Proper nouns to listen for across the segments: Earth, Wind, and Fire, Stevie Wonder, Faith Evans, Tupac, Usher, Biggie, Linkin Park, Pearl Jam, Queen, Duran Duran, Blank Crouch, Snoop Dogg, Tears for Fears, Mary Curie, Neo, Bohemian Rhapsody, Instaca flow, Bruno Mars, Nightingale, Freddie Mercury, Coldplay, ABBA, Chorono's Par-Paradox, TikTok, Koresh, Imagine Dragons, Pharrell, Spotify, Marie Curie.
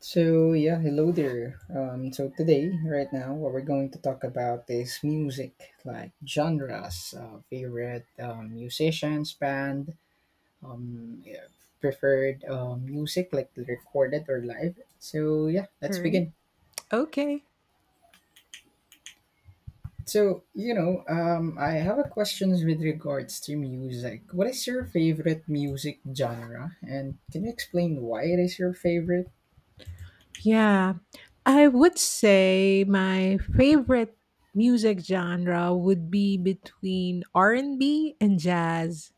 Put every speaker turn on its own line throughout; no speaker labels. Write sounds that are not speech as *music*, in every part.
So yeah, hello there. So today, right now, what we're going to talk about is music, like genres, favorite musicians, band, um, yeah, preferred music, like recorded or live. So yeah,
All
let's
right.
begin.
Okay.
I have a questions with regards to music. What is your favorite music genre, and can you explain why it is your favorite?
Yeah. I would say my favorite music genre would be between R&B and B and jazz.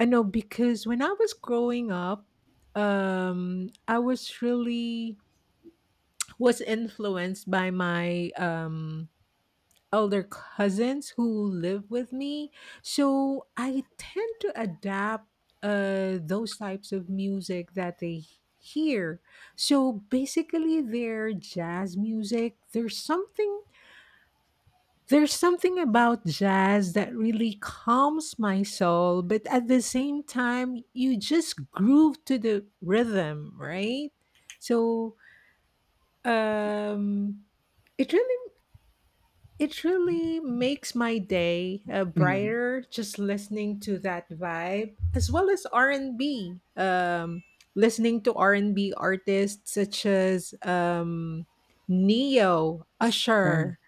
I know because when I was growing up, I was really was influenced by my elder cousins who live with me. So I tend to adapt those types of music that they hear. So basically, their jazz music, There's something about jazz that really calms my soul, but at the same time, you just groove to the rhythm, right? So, um, it really It really makes my day
Mm,
brighter just listening to that vibe as well as R&B. Listening to R&B artists such as Neo,
um,
Usher,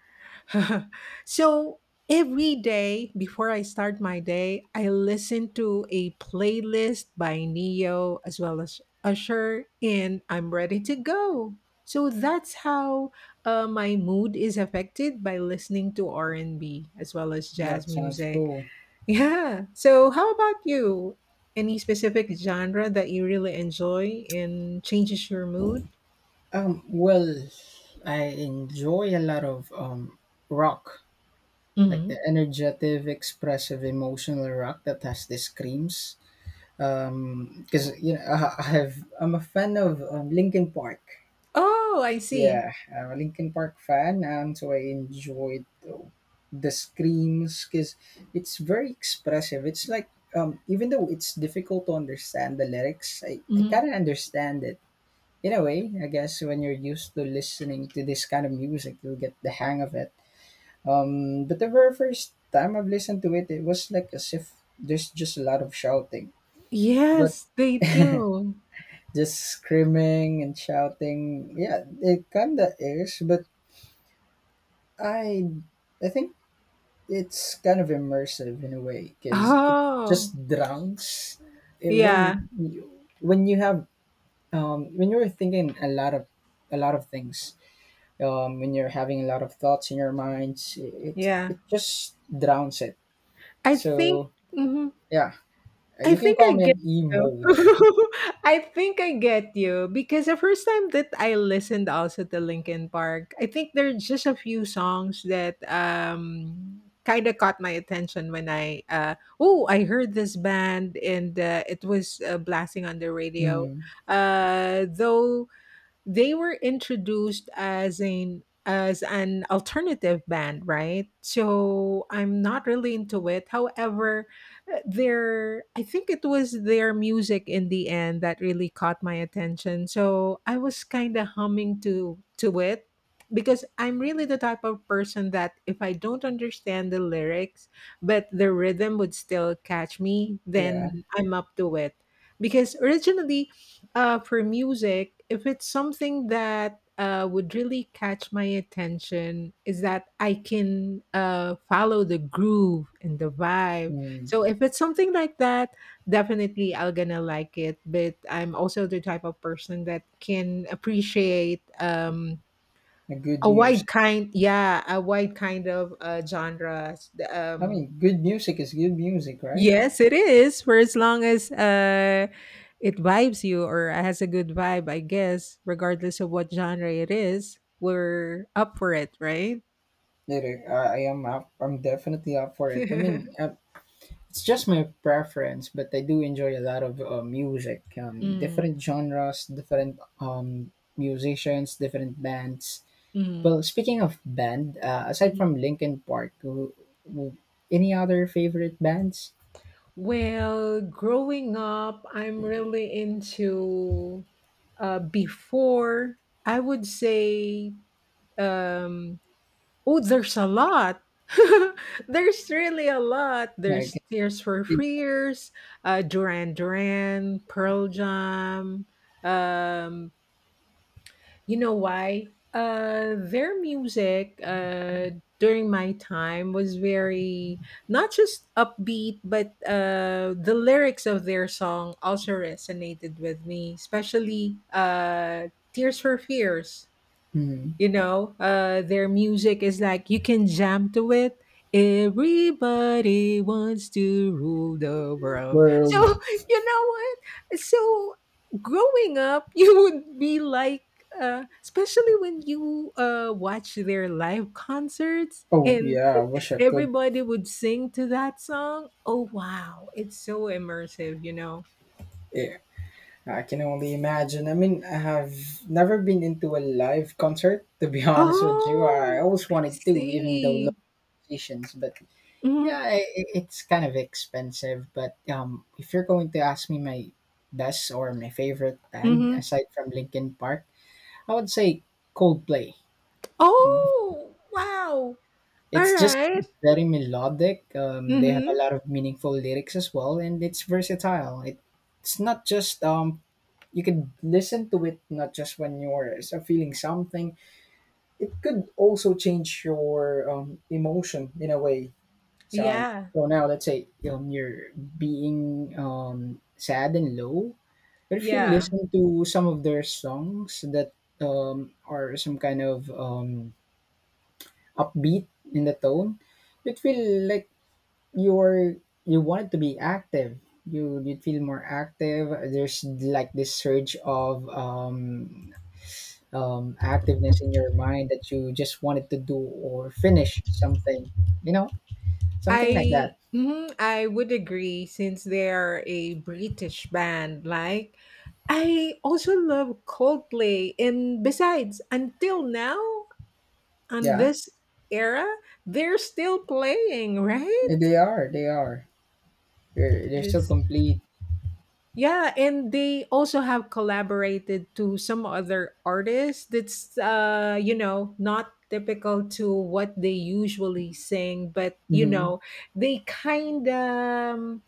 *laughs* so every day before I start my day, I listen to a playlist by Neo as well as Usher, and I'm ready to go. So that's how my mood is affected by listening to R&B as well as jazz
that sounds
music. *laughs*
cool.
Yeah. So how about you? Any specific genre that you really enjoy and changes your mood?
Um, well, I enjoy a lot of rock, like the
Hmm.
energetic, expressive, emotional rock that has the screams. Because I'm a fan of Linkin Park.
Oh, I see.
Yeah, I'm a Linkin Park fan, and so I enjoyed the screams because it's very expressive. It's like even though it's difficult to understand the lyrics, I
Hmm.
kind of understand it in a way. I guess when you're used to listening to this kind of music, you'll get the hang of it. But the very first time I've listened to it, it was like as if there's just a lot of shouting, but
Yes, they do.
just screaming and shouting. Yeah, it kinda is, but I, I think it's kind of immersive in a way because it
Oh,
just drowns eh,
yeah,
when you, when you have when you're thinking a lot of things when you're having a lot of thoughts in your minds, it
yeah.
it just drowns it,
I think
so
mhm.
yeah,
I
you can
think I
call me
get
an
you.
emo.
*laughs* I think I get you because the first time that I listened also to Linkin Park, I think there are just a few songs that kind of caught my attention when I oh, I heard this band and it was blasting on the
*laughs*
radio.
Mm,
Though They were introduced as an alternative band, right? So I'm not really into it. However, their I think it was their music in the end that really caught my attention. So I was kind of humming to it because I'm really the type of person that if I don't understand the lyrics, but the rhythm would still catch me,
yeah.
then I'm up to it. Because originally for music, if it's something that would really catch my attention, is that I can follow the groove and the vibe.
Mm,
So if it's something like that, definitely I'll gonna like it. But I'm also the type of person that can appreciate
a good
a wide
music.
kind, yeah, a wide kind of genres.
I mean, good music is good music, right?
Yes, it is. For as long as it vibes you or has a good vibe, I guess, regardless of what genre it is, we're up for it, right?
It is. I am up I'm definitely up for
*laughs*
it.
Mm.
It's just my preference, but I do enjoy a lot of music, different genres, different musicians, different bands. Well,
Mm.
speaking of band, aside
Hmm.
from Linkin Park, w- any other favorite bands?
Well, growing up, I'm really into uh, before, I would say um, oh, there's a lot. *laughs* There's really a lot.
Yeah, I
There's
can
Tears for
think,
Fears, Duran Duran, Pearl Jam. Um, you know why? Their music during my time was very not just upbeat, but the lyrics of their song also resonated with me, especially Tears for Fears.
hmm,
You know, their music is like you can jam to it. Everybody wants to rule the world, so *laughs*
World.
you know what, so growing up *laughs* you would be like especially when you watch their live concerts
Oh
and
yeah, I wish
*laughs*
I could.
everybody would sing to that song. Oh wow, it's so immersive, you know.
Yeah, I can only imagine. I mean, I have never been into a live concert. To be *laughs* honest with you, I
Oh,
always
I
wanted to, even though
see.
locations. But
Hmm.
yeah, it's kind of expensive. But if you're going to ask me my best or my favorite band aside from Linkin Park, I would say Coldplay.
Oh, wow.
It's just
Alright.
very melodic. They have a
Mhm.
lot of meaningful lyrics as well, and it's versatile. It's not just you could listen to it not just when you're feeling something. It could also change your emotion in a way. So,
Yeah.
so now let's say you're being sad and low, but if you
Yeah.
listen to some of their songs that are some kind of upbeat in the tone, it will like you're you wanted to be active, you feel more active, there's like this surge of activeness in your mind that you just wanted to do or finish something, you know, something like that.
I would agree since they're a British band. Like I also love Coldplay and besides, until now on
Yeah,
this era, they're still playing, right?
they are, they are, they're still
That's
complete.
yeah, and they also have collaborated to some other artists that's you know, not typical to what they usually sing, but you
Hmm,
know, they kind of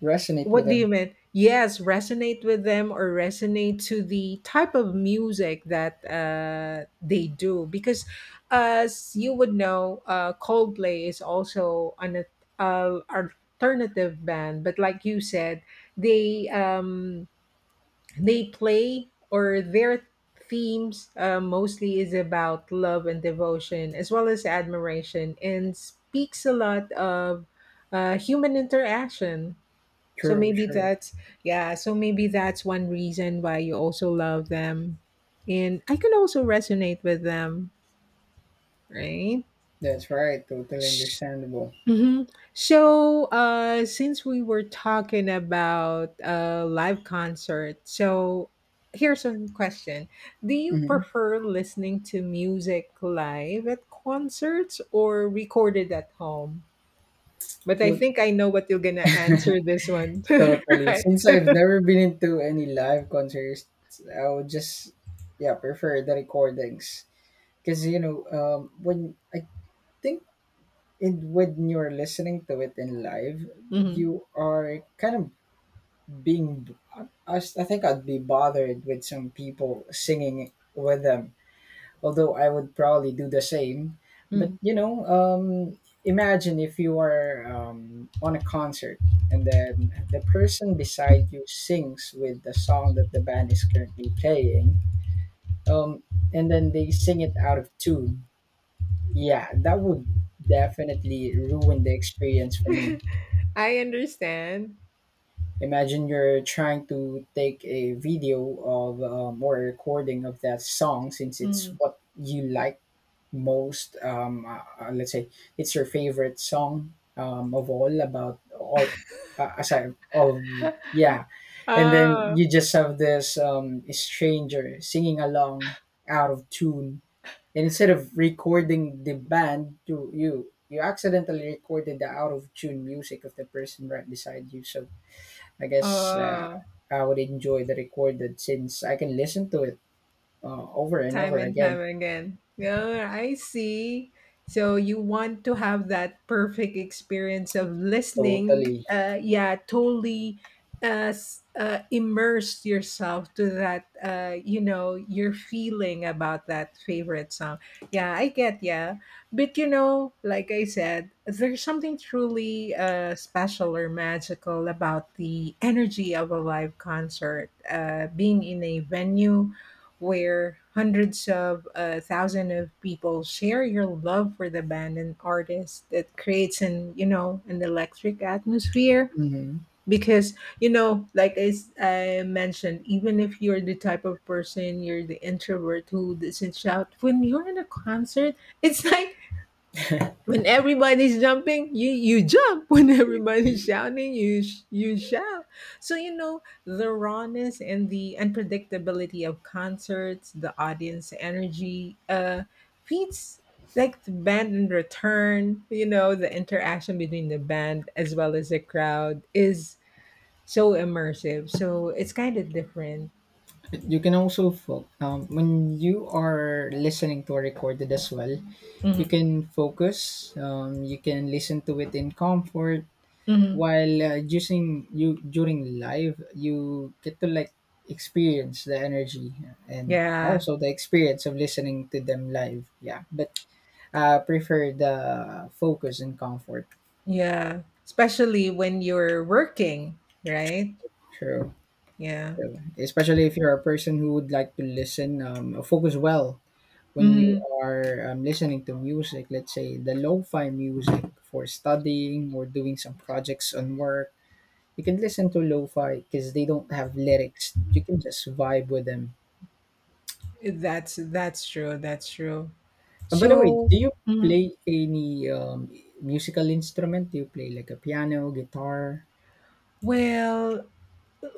resonate with
what do you
them.
mean? Yes, resonate with them or resonate to the type of music that they do because as you would know, Coldplay is also an alternative band, but like you said, they um they play or their themes mostly is about love and devotion as well as admiration and speaks a lot of human interaction. So
True,
maybe
true,
that's yeah, so maybe that's one reason why you also love them. And I can also resonate with them, right?
that's right, totally
Sh-
understandable.
hmm. So, since we were talking about live concert, so here's a question: do you
Hmm,
prefer listening to music live at concerts or recorded at home? But I
well.
think I know what you're gonna answer this one, *laughs*
Totally.
right?
Since I've never been into any live concerts, I would just yeah prefer the recordings because, you know, when I think in when you're listening to it in live,
Hmm.
you are kind of being. I think I'd be bothered with some people singing with them, although I would probably do the same. But
*laughs*
you know, imagine if you are on a concert and then the person beside you sings with the song that the band is currently playing, um, and then they sing it out of tune. Yeah, that would definitely ruin the experience for me.
I understand.
Imagine you're trying to take a video of or a recording of that song since it's
Mm.
what you like most let's say it's your favorite song of all about all aside all yeah, and then
Oh,
you just have this stranger singing along out of tune, and instead of recording the band to you, you accidentally recorded the out of tune music of the person right beside you. So I guess
oh,
I would enjoy the recorded since I can listen to it over and
time
over
and time
again.
again. Yeah, I see. So you want to have that perfect experience of listening.
Totally.
Yeah, totally immerse yourself to that, you know, your feeling about that favorite song. Yeah, I get, yeah. But, you know, like I said, there's something truly special or magical about the energy of a live concert, being in a venue where hundreds of thousands of people share your love for the band and artist that creates an you know an electric atmosphere
Mhm.
because you know like I mentioned even if you're the type of person you're the introvert who doesn't shout when you're in a concert it's *laughs* like when everybody's jumping, you jump. *laughs* When everybody's shouting, you shout. So you know the rawness and the unpredictability of concerts, the audience energy, feeds like the band in return. You know the interaction between the band as well as the crowd is so immersive. So it's kind of different.
You can also when you are listening to a recorded as well, you
Mhm.
can focus. You can listen to it in comfort
Mhm.
while using you during live. You get to like experience the energy and
Yeah,
also the experience of listening to them live. Yeah, but prefer the focus and comfort.
yeah. Especially when you're working, right?
True.
Yeah.
So, especially if you're a person who would like to listen, focus well when you
Mhm.
are listening to music, let's say the lo-fi music for studying or doing some projects on work, you can listen to lo-fi because they don't have lyrics. You can just vibe with them.
That's That's true.
And by the way,
So,
do you
mhm,
play any musical instrument? Do you play like a piano, guitar?
well,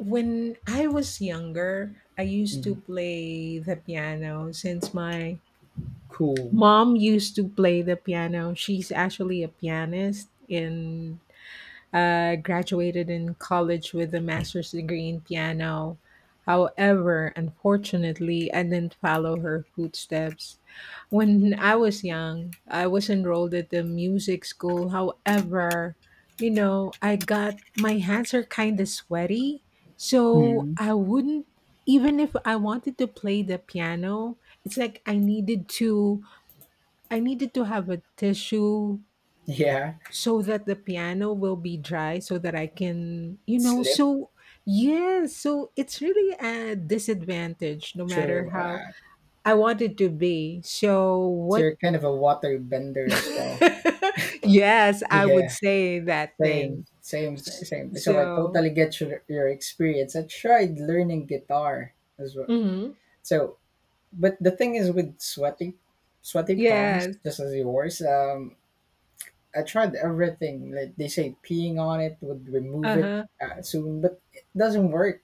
when I was younger, I used to
Mm,
play the piano since my
cool.
mom used to play the piano. She's actually a pianist in graduated in college with a master's degree in piano. However, unfortunately, I didn't follow her footsteps. When I was young, I was enrolled at the music school. However, you know, I got my hands are kind of sweaty, so
Mm,
I wouldn't even if I wanted to play the piano, it's like I needed to have a tissue
*laughs* yeah,
so that the piano will be dry so that I can, you know,
slip.
so yes, so it's really a disadvantage no matter
True.
how
Uh,
I want it to be. So
so
what
you're kind of a water bender as well.
*laughs* yes, I would
Yeah.
say that thing.
Same. So I
So,
totally get your experience. I tried learning guitar as well.
mhm,
So, but the thing is with sweaty palms,
yes.
just as yours. I tried everything. Like they say, peeing on it would remove it
Uh-huh.
soon, but it doesn't work.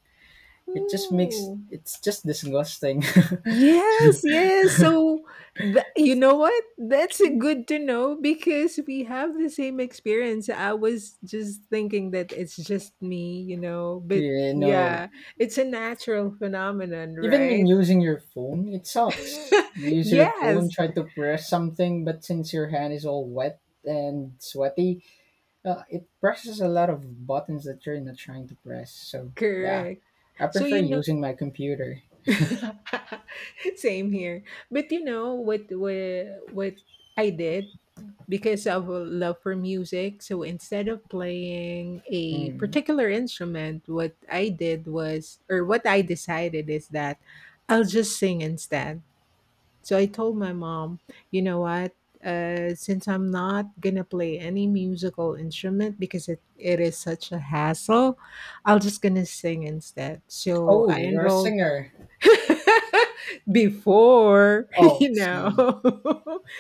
It just makes
Ooh.
it's just disgusting.
Yes. So, th- you know what? That's a good to know because we have the same experience. I was just thinking that it's just me, you know,
*laughs*
but
You know,
yeah, it's a natural phenomenon,
even
right?
when using your phone, it sucks.
*laughs*
You use your phone,
yes,
try to press something, but since your hand is all wet and sweaty, it presses a lot of buttons that you're not trying to press. So yeah,
correct.
I
So,
prefer
you know,
using my computer.
*laughs* same here. But you know what I did because of a love for music. So instead of playing a
Mm.
particular instrument, what I did was, or what I decided is that I'll just sing instead. So I told my mom, you know what? Since I'm not gonna play any musical instrument because it is such a hassle, I'll just gonna sing instead. So I
Oh, you're a
enrolled
singer.
*laughs* before, *laughs*
Oh,
you
I see.
know. *laughs*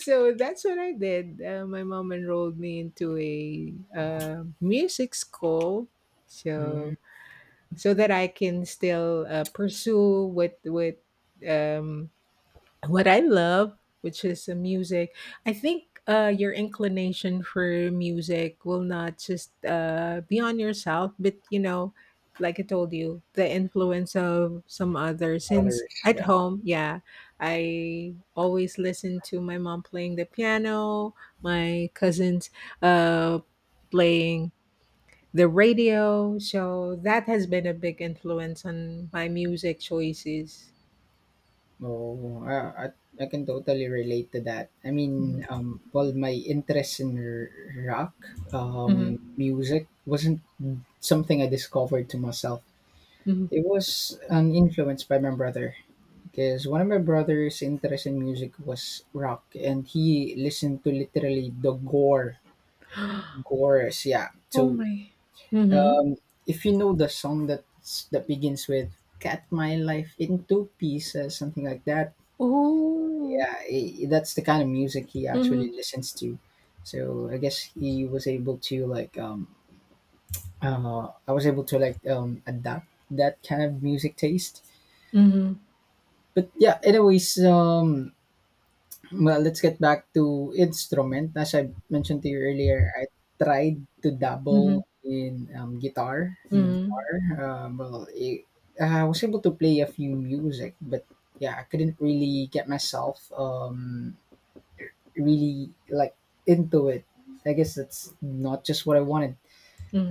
So that's what I did. My mom enrolled me into a music school,
Mm.
so so that I can still pursue um, what I love, which is music. I think your inclination for music will not just be on yourself, but you know, like I told you, the influence of some others. Since
Others,
at
yeah.
home, yeah, I always listen to my mom playing the piano, my cousins uh, playing the radio. So that has been a big influence on my music choices.
Oh, I I can totally relate to that. I mean,
Mhm.
well, my interest in rock, music wasn't something I discovered to myself.
Mhm.
It was an influence by my brother. Because one of my brother's interest in music was rock, and he listened to literally the gore,
Mhm.
gores. Yeah.
Oh
So
my. Mhm.
uh, if you know the song that begins with "Cut My Life into Pieces," something like that.
Oh.
Yeah, I that's the kind of music he
Mhm.
actually listens to. So I guess he was able to like I was able to like adapt that kind of music taste.
Mhm.
But yeah, anyways, um, well, let's get back to instrument. As I mentioned to you earlier, I tried to
Mhm.
dabble in guitar. In the
Mhm.
guitar, well, it, I was able to play a few music, but yeah, I couldn't really get myself really like into it. I guess that's not just what I wanted.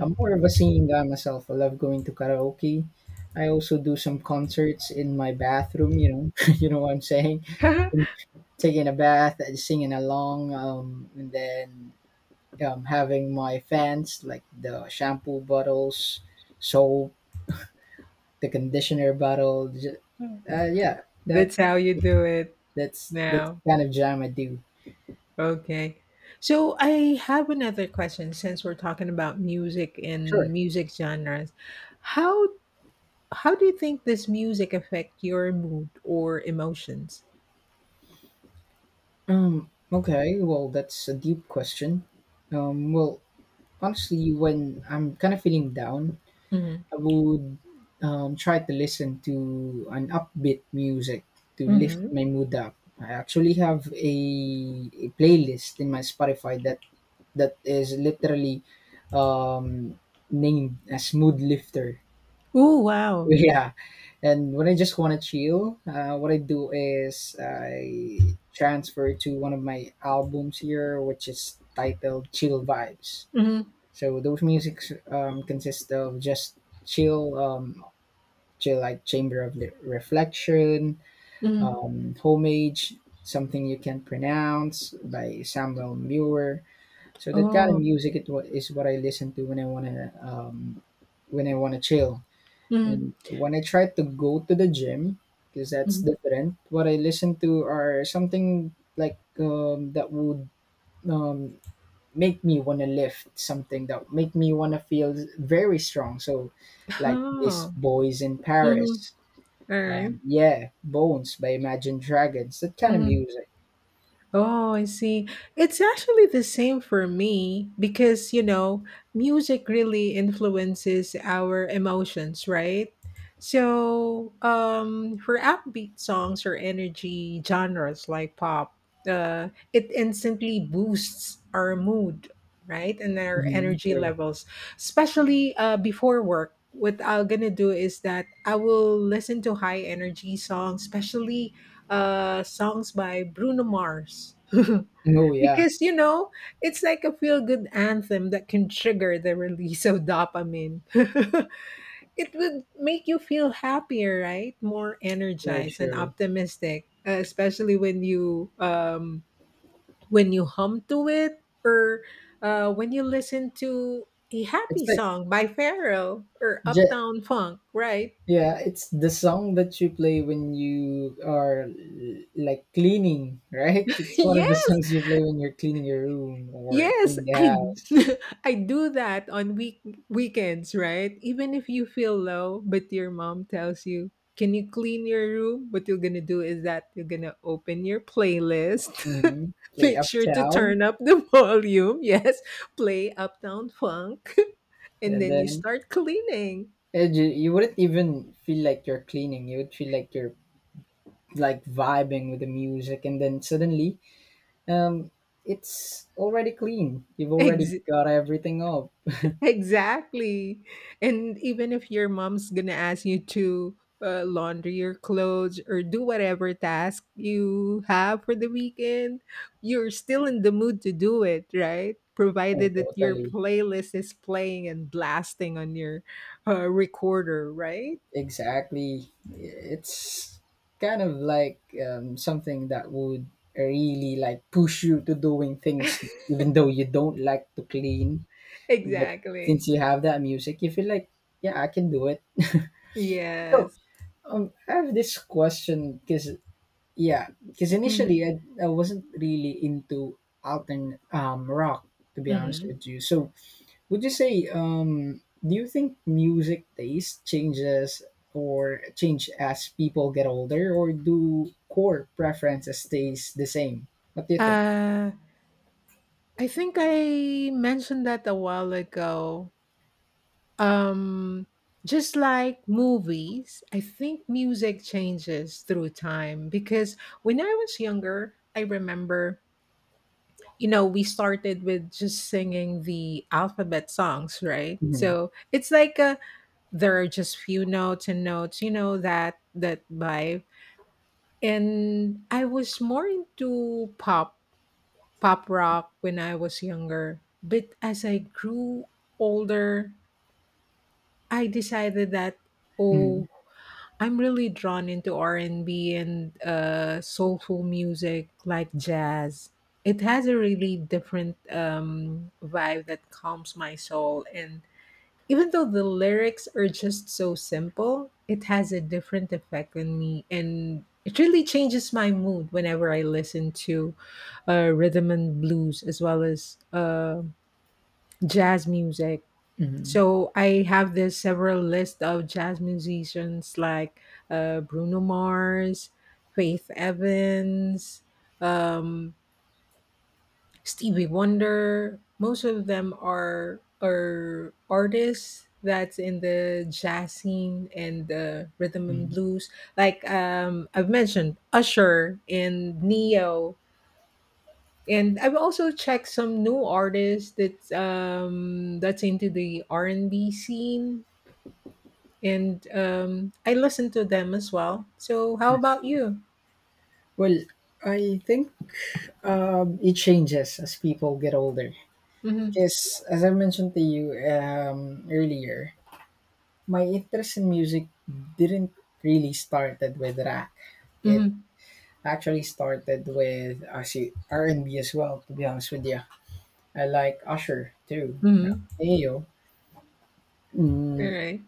I'm more of a singing guy myself. I love going to karaoke. I also do some concerts in my bathroom. You know, *laughs* you know what I'm saying,
*laughs*
taking a bath and singing along, and then having my fans like the shampoo bottles, soap, the conditioner bottle. Yeah, that
That's how you do it
that's that's
now.
the kind of jam I do.
Okay. So I have another question since we're talking about music and
Sure.
music genres. How how do you think this music affect your mood or emotions?
Okay. Well, that's a deep question. Well, honestly, when I'm kind of feeling down,
Mhm.
I would try to listen to an upbeat music to lift
Mhm.
my mood up. I actually have a playlist in my Spotify that is literally um, named as Mood Lifter. *laughs*
Oh wow.
Yeah, and when I just want to chill, what I do is I transfer to one of my albums here, which is titled Chill Vibes.
Mhm.
So those musics consist of just chill to like chamber of reflection,
Mhm.
homage, something you can pronounce by Samuel Muir. So that kind of
Oh.
music it is what I listen to when I want to when I want to chill.
Mhm.
And when I try to go to the gym, because that's
Mhm.
different, what I listen to are something like that would um, make me want to lift something, that make me want to feel very strong. So like This
Oh.
Boys in
Mhm.
Paris,
All
yeah, Bones by Imagine Dragons. That kind of
right.
music.
Oh, I see. It's actually the same for me because, you know, music really influences our emotions, right? So, for upbeat songs or energy genres like pop, it instantly boosts our mood, right? And our
Hmm,
energy
true.
levels, especially before work. What I'm gonna do is that I will listen to high energy songs, especially songs by Bruno Mars.
Oh
*laughs*
yeah,
Because, you know, it's like a feel good anthem that can trigger the release of dopamine. *laughs* It would make you feel happier, right? More
true,
energized and
true.
optimistic, especially when you hum to it or when you listen to a happy
It's like
song by Pharrell or
ju-
Uptown Funk, right?
yeah, it's the song that you play when you are like cleaning, *laughs* right?
*laughs*
It's one of the
Yeah.
songs you play when you're cleaning your room or
Yes,
cleaning the
I
house.
*laughs* I do that on weekends, right? Even if you feel low, but your mom tells you, "Can you clean your room?" What you're gonna do is that you're gonna open your playlist, *laughs*
Hmm. Play
make sure to
Uptown,
turn up the *laughs* volume. Yes, play Uptown Funk, *laughs* and
and
then you
then
start cleaning.
and you wouldn't even feel like you're cleaning. You would feel like you're like vibing with the music, and then suddenly um, it's already clean. You've already
Ex-
got everything up.
Exactly. And even if your mom's gonna ask you to launder your clothes or do whatever task you have for the weekend, you're still in the mood to do it, right?
Oh,
Provided that your
totally.
playlist is playing and blasting on your recorder, right?
Exactly. It's kind of like something that would really like push you to doing things
*laughs*
even though you don't like to clean. But
Exactly.
since you have that music, you feel like, yeah, I can do it. So
Yes.
um, I have this question because yeah, because
Mhm.
initially I wasn't really into altern rock to be honest
Mhm.
with you. So would you say, do you think music taste changes or change as people get older, or do core preferences stays the same? What do you think?
Uh, I think I mentioned that a while ago. Um, just like movies, I think music changes through time because when I was younger, I remember, you know, we started with just singing the alphabet songs, right?
Hmm.
So it's like a there are just few notes and notes, you know, that vibe. And I was more into pop, pop rock when I was younger. But as I grew older, I decided that
Hmm.
oh, I'm really drawn into R&B and B and soulful music like jazz. It has a really different vibe that calms my soul, and even though the lyrics are just so simple, it has a different effect on me, and it really changes my mood whenever I listen to rhythm and blues as well as jazz music.
Hmm.
So I have this several list of jazz musicians like Bruno Mars, Faith Evans, um, Stevie Wonder. Most of them are artists that's in the jazz scene and the rhythm and
Hmm.
blues. Like I've mentioned, Usher and Neo. And I've also checked some new artists that's into the R and B scene and I listen to them as well. So how
I
about
see.
you?
Well, I think it changes as people get older.
Mm-hmm.
Because as I mentioned to you earlier, my interest in music didn't really started with rock. It
Mm-hmm.
actually started with actually R and B as well, to be honest with you. I like Usher too,
Mm-hmm.
Neo.
All
Mm,
right.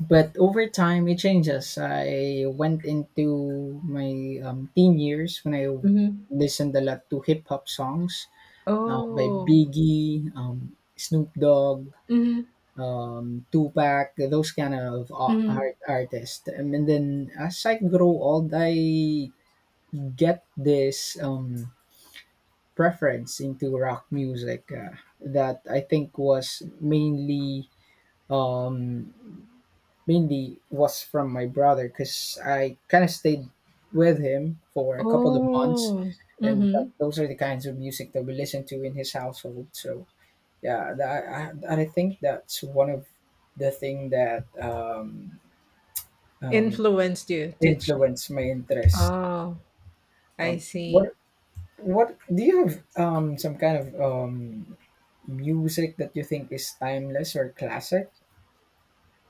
but over time, it changes. I went into my teen years when I
Mm-hmm.
listened a lot to hip hop songs by
Oh.
Biggie, Snoop Dogg,
Mm-hmm.
Tupac, those kind of
Mm-hmm.
artists. And then as I grow old, I get this. Preference into rock music that I think was mainly um mainly was from my brother because I kind of stayed with him for a couple of months,
Oh.
and that,
Mm-hmm.
those are the kinds of music that we listen to in his household. So yeah, and I think that's one of the thing that um,
Influenced you to change.
influenced my interest.
Oh, I
Um,
see.
what what do you have some kind of music that you think is timeless or classic?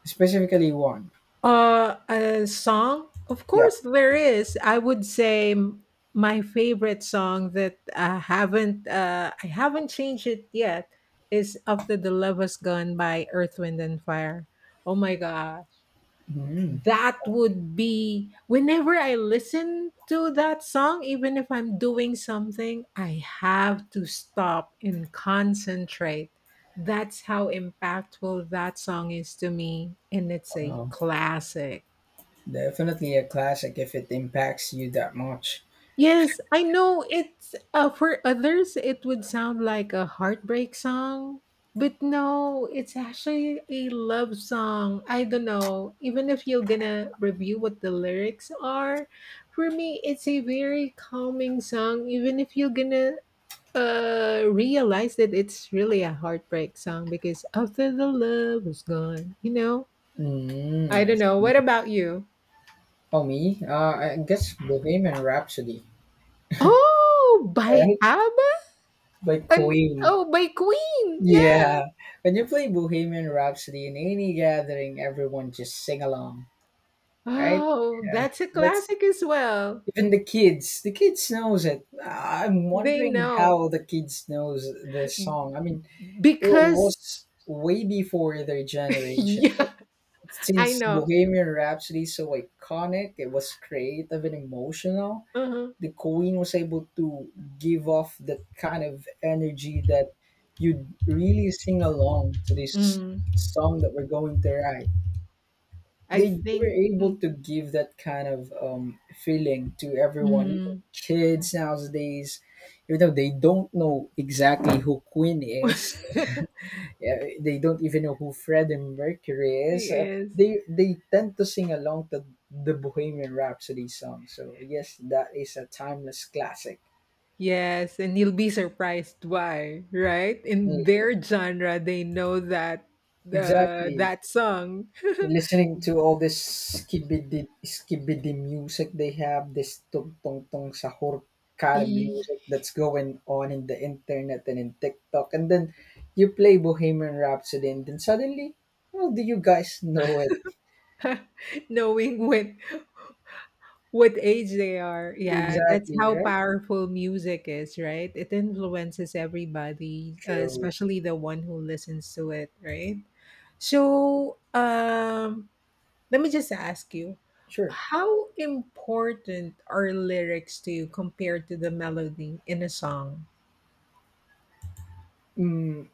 Specifically one.
A song? Of
Yeah.
course, there is. I would say my favorite song that I haven't changed it yet is "After the Love Has Gone" by Earth, Wind, and Fire. Oh my god!
Mm.
That would be whenever I listen to that song, even if I'm doing something, I have to stop and concentrate. That's how impactful that song is to me, and it's a
Wow.
classic.
Definitely a classic if it impacts you that much.
Yes, I know it's for others it would sound like a heartbreak song, but no, it's actually a love song. I don't know, even if you're gonna review what the lyrics are, for me it's a very calming song even if you're gonna realize that it's really a heartbreak song because after the love was gone, you know?
Mm,
I
I
don't know.
see.
What about you?
Oh, me? I guess Bohemian Rhapsody,
Oh, by
right?
ABBA.
By
And
Queen.
oh, by Queen, yeah.
Yeah. When you play Bohemian Rhapsody in any gathering, everyone just sing along, right?
Oh,
Yeah.
that's a
That's
classic as well.
even the kids. The kids knows it. I'm
They
wondering
know
how the kids knows this song. I mean, it
because
was way before their
*laughs*
generation, but
yeah, I
since
know.
Bohemian Rhapsody is so iconic, it was creative and emotional.
Uh-huh.
The Queen was able to give off that kind of energy that you'd really sing along to this
Mm,
song that we're going to write.
I
They were
think.
able
Mm,
to give that kind of feeling to everyone, even
mm.
kids nowadays, even though they don't know exactly who Queen is.
*laughs*
Yeah, they don't even know who Freddie Mercury
He
is.
is.
They tend to sing along to the Bohemian Rhapsody song. So yes, that is a timeless classic.
Yes, and you'll be surprised why, right? In
Yeah,
their genre, they know that
exactly.
that song. *laughs*
Listening to all this skibidi skibidi music they have, this tung tung tung sahur kind of
He-
music that's going on in the internet and in TikTok, and then you play Bohemian Rhapsody, and then suddenly, how do you guys know it?
*laughs* knowing when what age they are. Yeah, that's
Exactly
how
right.
powerful music is, right? It influences everybody,
True.
especially the one who listens to it, right? So, let me just ask you,
Sure.
how important are lyrics to you compared to the melody in a song?
Mm,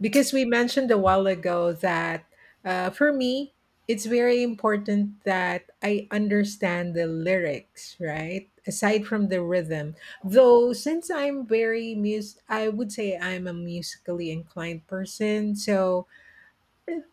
Because we mentioned a while ago that for me it's very important that I understand the lyrics, right, aside from the rhythm, though since I'm very mus I would say I'm a musically inclined person. So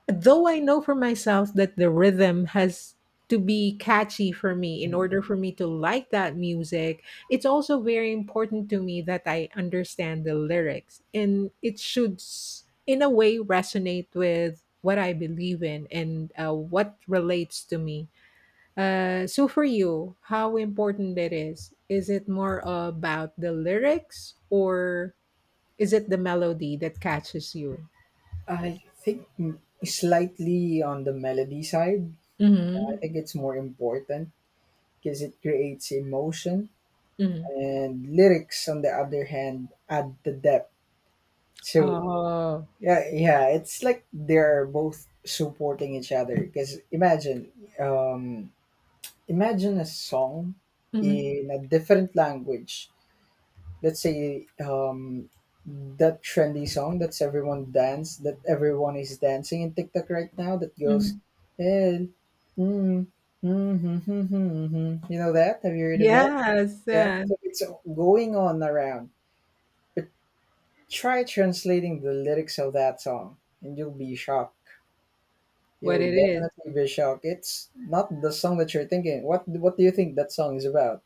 though I know for myself that the rhythm has to be catchy for me in
mm.
order for me to like that music, it's also very important to me that I understand the lyrics and it should, in a way, resonate with what I believe in and what relates to me. So for you, how important it is? Is it more about the lyrics or is it the melody that catches you?
I think slightly on the melody side. I
Mm-hmm.
think it's more important because it creates emotion, and lyrics, on the other hand, add the depth. So
Mm-hmm.
yeah, yeah, it's like they're both supporting each other. Because imagine, um, imagine a song
Mhm,
in a different language, let's say that trendy song that's everyone dance that everyone is dancing in TikTok right now that goes
mhm.
and mm, hmm, hmm, hmm, hmm." hmm." You know that, have you heard of that?
Yes,
Yeah,
yeah,
so it's going on around, but try translating the lyrics of that song and you'll be shocked.
what
You'll
it is.
definitely be shocked. It's not the song that you're thinking. What do you think that song is about?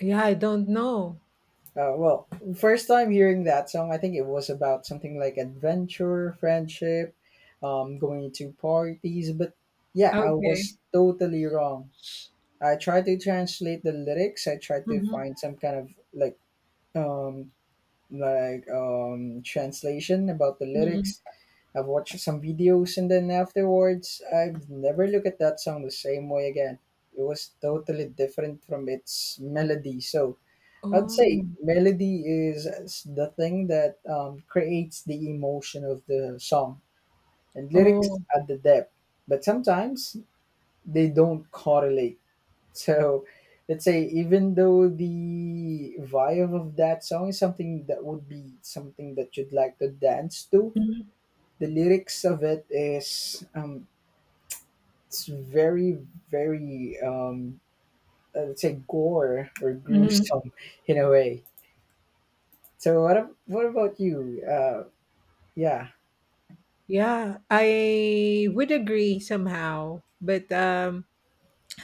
Yeah, I don't know.
Well, first time hearing that song, I think it was about something like adventure, friendship, going to parties. But yeah, I
Okay.
was totally wrong. I tried to translate the lyrics. I tried to
Mhm,
find some kind of like um translation about the
mhm.
lyrics. I've watched some videos, and then afterwards, I've never looked at that song the same way again. It was totally different from its melody. So I'd
Oh,
say melody is the thing that creates the emotion of the song, and lyrics
oh.
add the depth. But sometimes they don't correlate. *laughs* So let's say even though the vibe of that song is something that would be something that you'd like to dance to,
Mhm,
the lyrics of it is it's very very let's say gore or
mhm.
gruesome *laughs* in a way. So what about you? Yeah,
Yeah, I would agree somehow, but,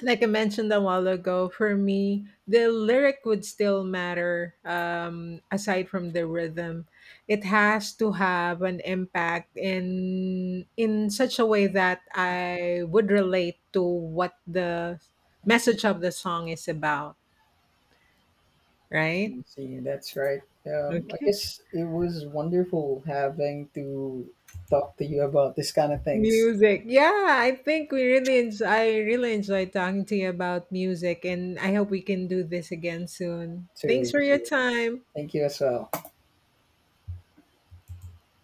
like I mentioned a while ago, for me, the lyric would still matter aside from the rhythm. It has to have an impact in such a way that I would relate to what the message of the song is about, right?
see, that's right. I
Okay.
guess it was wonderful having to talk to you about this kind of things
Music. Yeah, I really enjoy talking to you about music and I hope we can do this again soon. Thanks
too.
for
So
your time.
thank you as well.